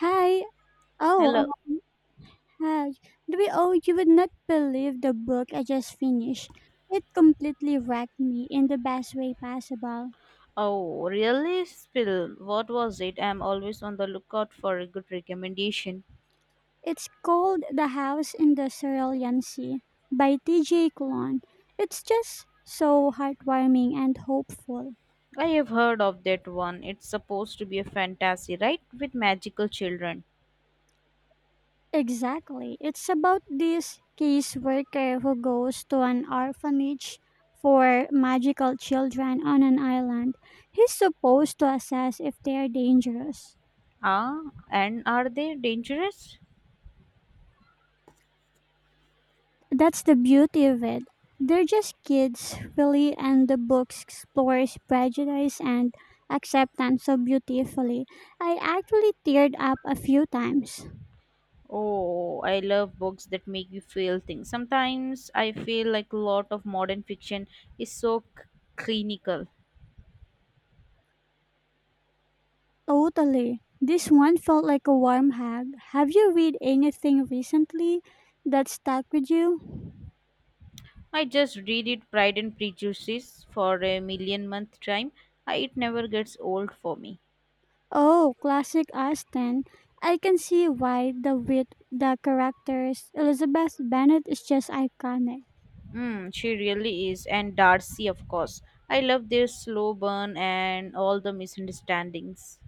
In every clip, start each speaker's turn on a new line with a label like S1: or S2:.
S1: Hi. Oh,
S2: Hello.
S1: uh, hi. Oh, you would not believe the book I just finished. It completely wrecked me in the best way possible.
S2: Oh, really? Spill. What was it? I'm always on the lookout for a good recommendation.
S1: It's called The House in the Cerulean Sea by T.J. Klon. It's just so heartwarming and hopeful.
S2: I have heard of that one. It's supposed to be a fantasy, right? With magical children.
S1: Exactly. It's about this caseworker who goes to an orphanage for magical children on an island. He's supposed to assess if they are dangerous.
S2: Ah, and are they dangerous?
S1: That's the beauty of it. They're just kids, really, and the book explores prejudice and acceptance so beautifully. I actually teared up a few times.
S2: Oh, I love books that make you feel things. Sometimes I feel like a lot of modern fiction is clinical.
S1: Totally. This one felt like a warm hug. Have you read anything recently that stuck with you?
S2: I just read it Pride and Prejudice for a million month time. It never gets old for me.
S1: Oh, classic Austen. I can see why the wit, the characters, Elizabeth Bennet is just iconic.
S2: Mm, she really is. And Darcy, of course. I love their slow burn and all the misunderstandings.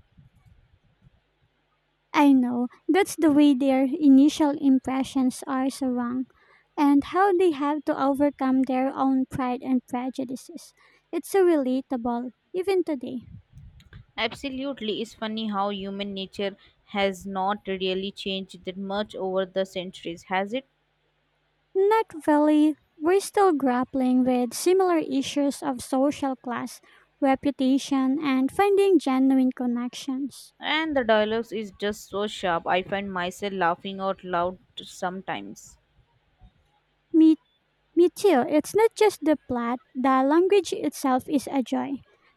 S1: I know. That's the way their initial impressions are so wrong, and how they have to overcome their own pride and prejudices. It's so relatable, even today.
S2: Absolutely. It's funny how human nature has not really changed that much over the centuries, has it?
S1: Not really. We're still grappling with similar issues of social class, reputation, and finding genuine connections.
S2: And the dialogues is just so sharp. I find myself laughing out loud sometimes.
S1: Me Me too. It's not just the plot, the language itself is a joy.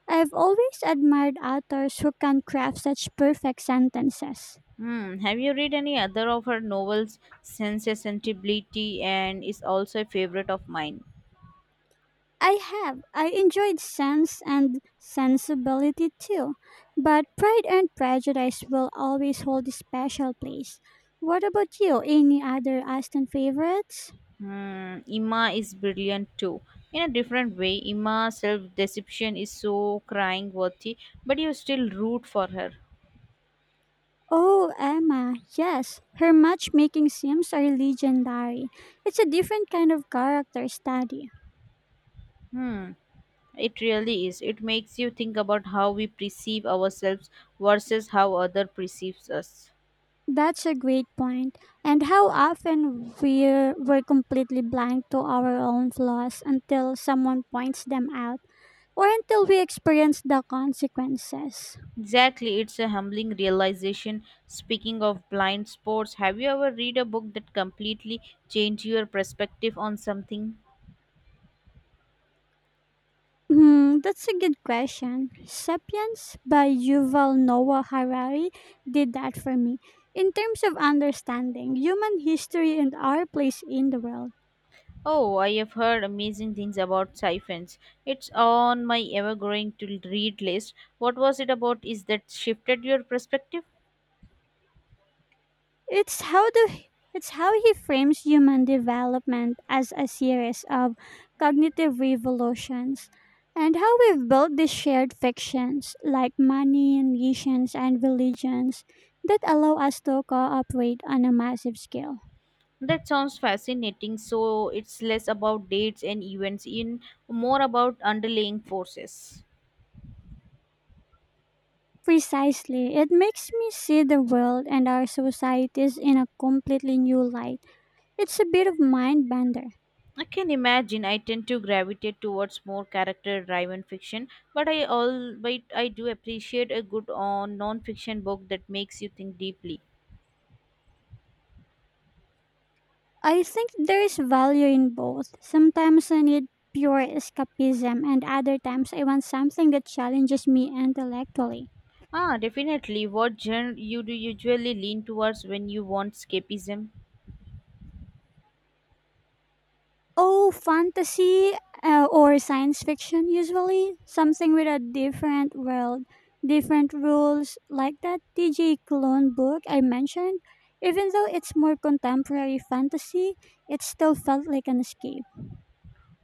S1: I've always admired authors who can craft such perfect sentences.
S2: Hmm. Have you read any other of her novels? Sense and Sensibility and is also a favorite of mine.
S1: I have. I enjoyed Sense and Sensibility too, but Pride and Prejudice will always hold a special place. What about you? Any other Aston favorites?
S2: Ima is brilliant too. In a different way, Ima's self deception is so crying worthy, but you still root for her.
S1: Oh, Emma, yes. Her matchmaking sims are legendary. It's a different kind of character study.
S2: Hmm, it really is. It makes you think about how we perceive ourselves versus how other perceives us.
S1: That's a great point. And how often we're completely blind to our own flaws until someone points them out or until we experience the consequences.
S2: Exactly, it's a humbling realization. Speaking of blind spots, have you ever read a book that completely changed your perspective on something?
S1: That's a good question. Sapiens by Yuval Noah Harari did that for me. In terms of understanding human history and our place in the world,
S2: Oh, I have heard amazing things about siphons. It's on my ever growing to read list. What was it about? Is that shifted your perspective?
S1: It's how the it's how he frames human development as a series of cognitive revolutions and how we've built these shared fictions like money, nations, and religions that allow us to cooperate on a massive scale.
S2: That sounds fascinating. So it's less about dates and events in more about underlying forces.
S1: Precisely, it makes me see the world and our societies in a completely new light. It's a bit of mind bender.
S2: I can imagine I tend to gravitate towards more character driven fiction, but I all but I do appreciate a good on non fiction book that makes you think deeply.
S1: I think there is value in both. Sometimes I need pure escapism, and other times I want something that challenges me intellectually.
S2: Ah, definitely. What genre you do usually lean towards when you want escapism?
S1: Oh, fantasy or science fiction, usually. Something with a different world, different rules, like that TJ Clone book I mentioned. Even though it's more contemporary fantasy, it still felt like an escape.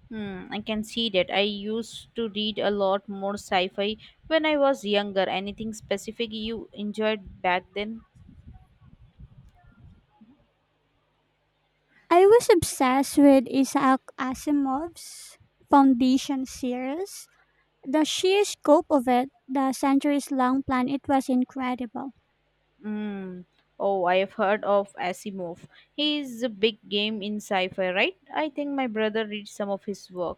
S2: I can see that. I used to read a lot more sci-fi when I was younger. Anything specific you enjoyed back then?
S1: I was obsessed with Isaac Asimov's Foundation series. The sheer scope of it, the centuries long plan, it was incredible.
S2: Hmm. Oh, I have heard of Asimov. He is a big game in sci-fi, right? I think my brother reads some of his work.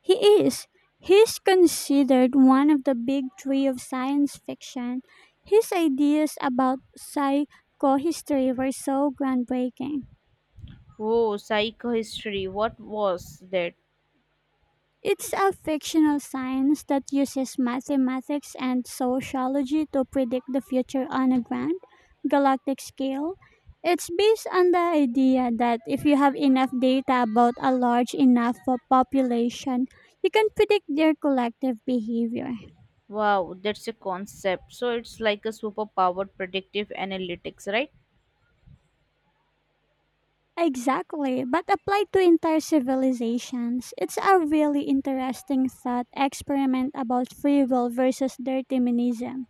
S1: He is. He's considered one of the big three of science fiction. His ideas about psychohistory were so groundbreaking.
S2: Oh, psychohistory. What was that?
S1: It's a fictional science that uses mathematics and sociology to predict the future on a grand galactic scale. It's based on the idea that if you have enough data about a large enough population, you can predict their collective behavior.
S2: Wow, that's a concept. So it's like a superpowered predictive analytics, right?
S1: Exactly, but applied to entire civilizations. It's a really interesting thought experiment about free will versus determinism.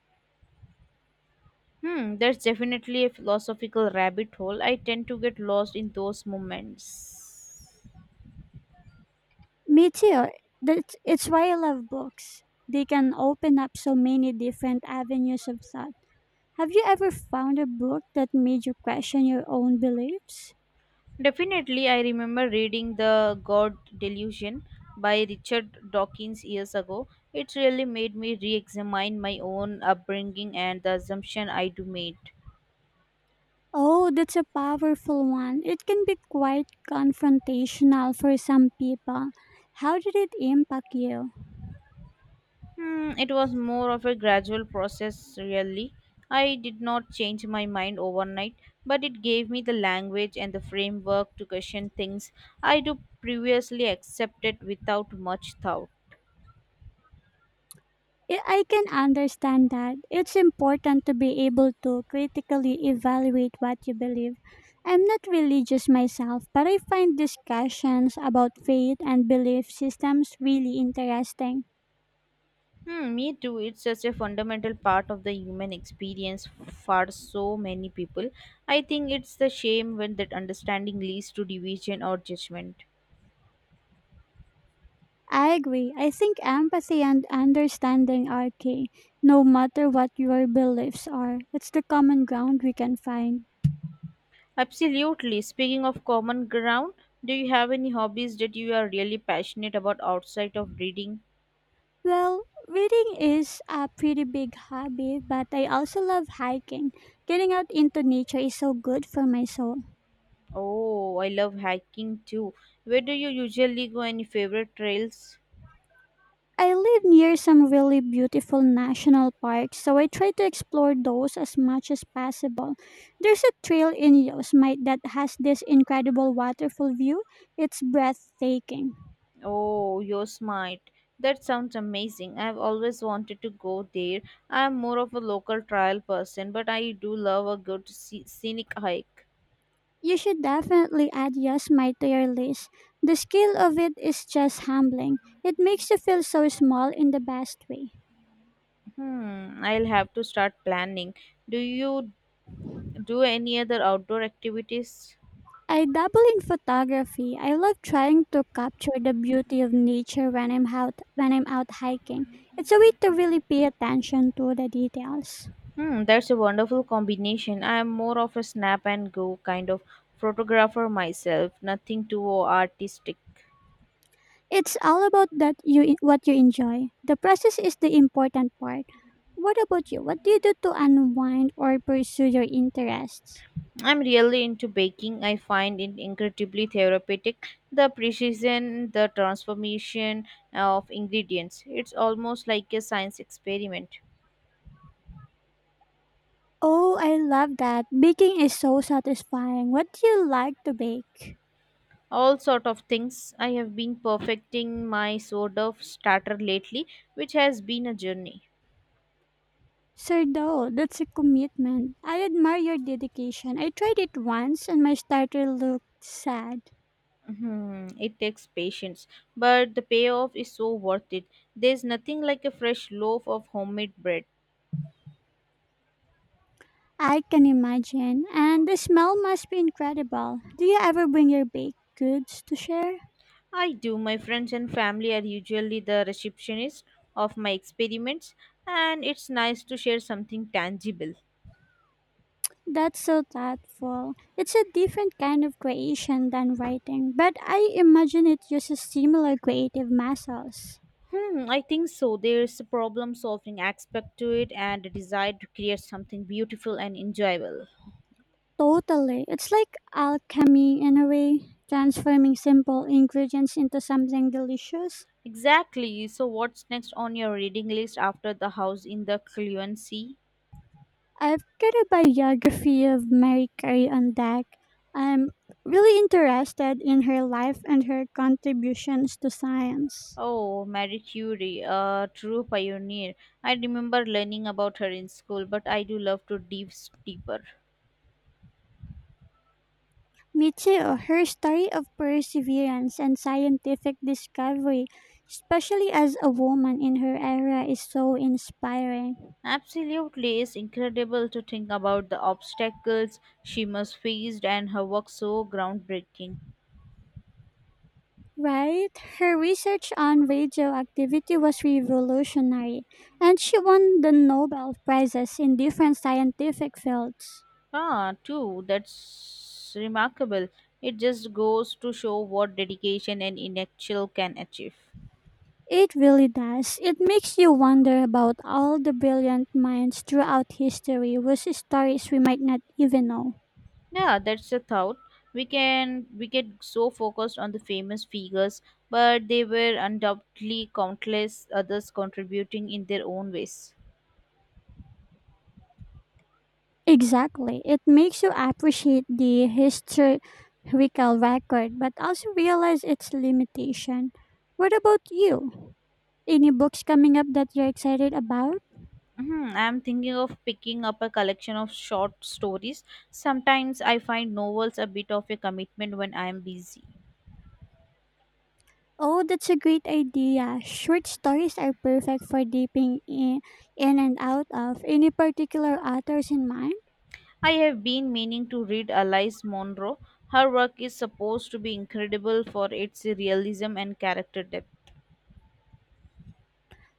S2: That's definitely a philosophical rabbit hole. I tend to get lost in those moments.
S1: Me too. It's why I love books. They can open up so many different avenues of thought. Have you ever found a book that made you question your own beliefs?
S2: Definitely, I remember reading The God Delusion by Richard Dawkins years ago. It really made me re examine my own upbringing and the assumption I do made.
S1: Oh, that's a powerful one. It can be quite confrontational for some people. How did it impact you?
S2: It was more of a gradual process, really. I did not change my mind overnight, but it gave me the language and the framework to question things I do previously accepted without much thought.
S1: I can understand that. It's important to be able to critically evaluate what you believe. I'm not religious myself, but I find discussions about faith and belief systems really interesting.
S2: Me too. It's such a fundamental part of the human experience for so many people. I think it's the shame when that understanding leads to division or judgment.
S1: I agree. I think empathy and understanding are key, no matter what your beliefs are. It's the common ground we can find.
S2: Absolutely. Speaking of common ground, do you have any hobbies that you are really passionate about outside of reading?
S1: Well, reading is a pretty big hobby, but I also love hiking. Getting out into nature is so good for my soul.
S2: Oh, I love hiking too. Where do you usually go? Any favorite trails?
S1: I live near some really beautiful national parks, so I try to explore those as much as possible. There's a trail in Yosemite that has this incredible waterfall view. It's breathtaking.
S2: Oh, Yosemite. That sounds amazing. I've always wanted to go there. I'm more of a local trail person, but I do love a good scenic hike.
S1: You should definitely add Yosemite to your list. The scale of it is just humbling. It makes you feel so small in the best way.
S2: I'll have to start planning. Do you do any other outdoor activities?
S1: I dabble in photography. I love trying to capture the beauty of nature when I'm out hiking. It's a way to really pay attention to the details.
S2: That's a wonderful combination. I am more of a snap and go kind of photographer myself, nothing too artistic.
S1: It's all about that you what you enjoy. The process is the important part. What about you? What do you do to unwind or pursue your interests?
S2: I'm really into baking. I find it incredibly therapeutic. The precision, the transformation of ingredients. It's almost like a science experiment.
S1: Oh, I love that. Baking is so satisfying. What do you like to bake?
S2: All sort of things. I have been perfecting my sort of starter lately, which has been a journey.
S1: Sir, though, that's a commitment. I admire your dedication. I tried it once and my starter looked sad.
S2: It takes patience, but the payoff is so worth it. There's nothing like a fresh loaf of homemade bread.
S1: I can imagine. And the smell must be incredible. Do you ever bring your baked goods to share?
S2: I do. My friends and family are usually the receptionists of my experiments, and it's nice to share something tangible.
S1: That's so thoughtful. It's a different kind of creation than writing, but I imagine it uses similar creative muscles.
S2: I think so. There's a problem solving aspect to it and a desire to create something beautiful and enjoyable.
S1: Totally. It's like alchemy in a way, transforming simple ingredients into something delicious.
S2: Exactly. So, what's next on your reading list after The House in the Fluency?
S1: After the biography of Mary Carey on Deck, I'm really interested in her life and her contributions to science.
S2: Oh, Marie Curie, a true pioneer. I remember learning about her in school, but I do love to dive deeper.
S1: Me too. Her story of perseverance and scientific discovery, especially as a woman in her era, is so inspiring.
S2: Absolutely, it's incredible to think about the obstacles she must faced and her work so groundbreaking.
S1: Right? Her research on radioactivity was revolutionary, and she won the Nobel Prizes in different scientific fields.
S2: Ah, too, that's remarkable. It just goes to show what dedication and intellectual can achieve.
S1: It really does. It makes you wonder about all the brilliant minds throughout history whose stories we might not even know.
S2: Yeah, that's the thought. We get so focused on the famous figures, but there were undoubtedly countless others contributing in their own ways.
S1: Exactly. It makes you appreciate the historical record but also realize its limitation. What about you? Any books coming up that you're excited about?
S2: Mhm, I'm thinking of picking up a collection of short stories. Sometimes I find novels a bit of a commitment when I am busy.
S1: Oh, that's a great idea. Short stories are perfect for dipping in and out of. Any particular authors in mind?
S2: I have been meaning to read Alice Munro. Her work is supposed to be incredible for its realism and character depth.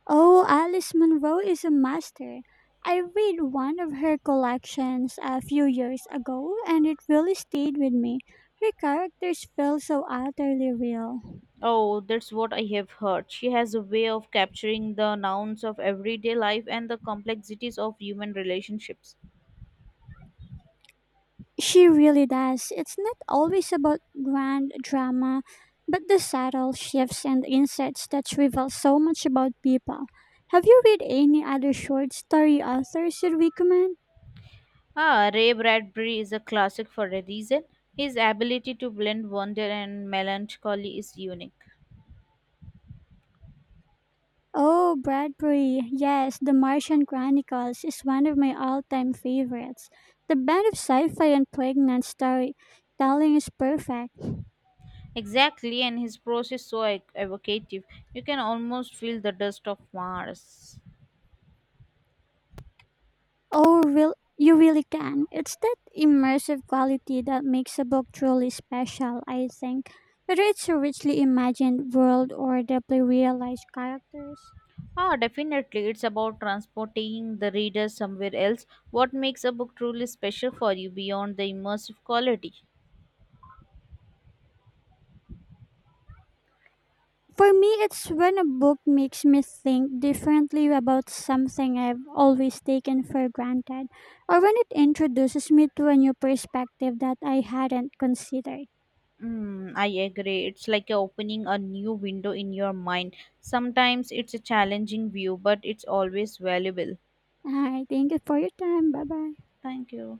S1: Oh, Alice Munro is a master. I read one of her collections a few years ago and it really stayed with me. Her characters feel so utterly real.
S2: Oh, that's what I have heard. She has a way of capturing the nouns of everyday life and the complexities of human relationships.
S1: She really does. It's not always about grand drama, but the subtle shifts and insights that reveal so much about people. Have you read any other short story authors you'd recommend?
S2: Ah, Ray Bradbury is a classic for a reason. His ability to blend wonder and melancholy is unique.
S1: Oh, Bradbury. Yes, The Martian Chronicles is one of my all-time favorites. The blend of sci-fi and poignant storytelling is perfect.
S2: Exactly, and his prose is so evocative. You can almost feel the dust of Mars.
S1: You really can. It's that immersive quality that makes a book truly special, I think. Whether it's a richly imagined world or deeply realized characters.
S2: Ah, definitely. It's about transporting the reader somewhere else. What makes a book truly special for you beyond the immersive quality?
S1: For me, it's when a book makes me think differently about something I've always taken for granted, or when it introduces me to a new perspective that I hadn't considered.
S2: Mm, I agree. It's like you're opening a new window in your mind. Sometimes it's a challenging view, but it's always valuable.
S1: All right, thank you for your time. Bye bye.
S2: Thank you.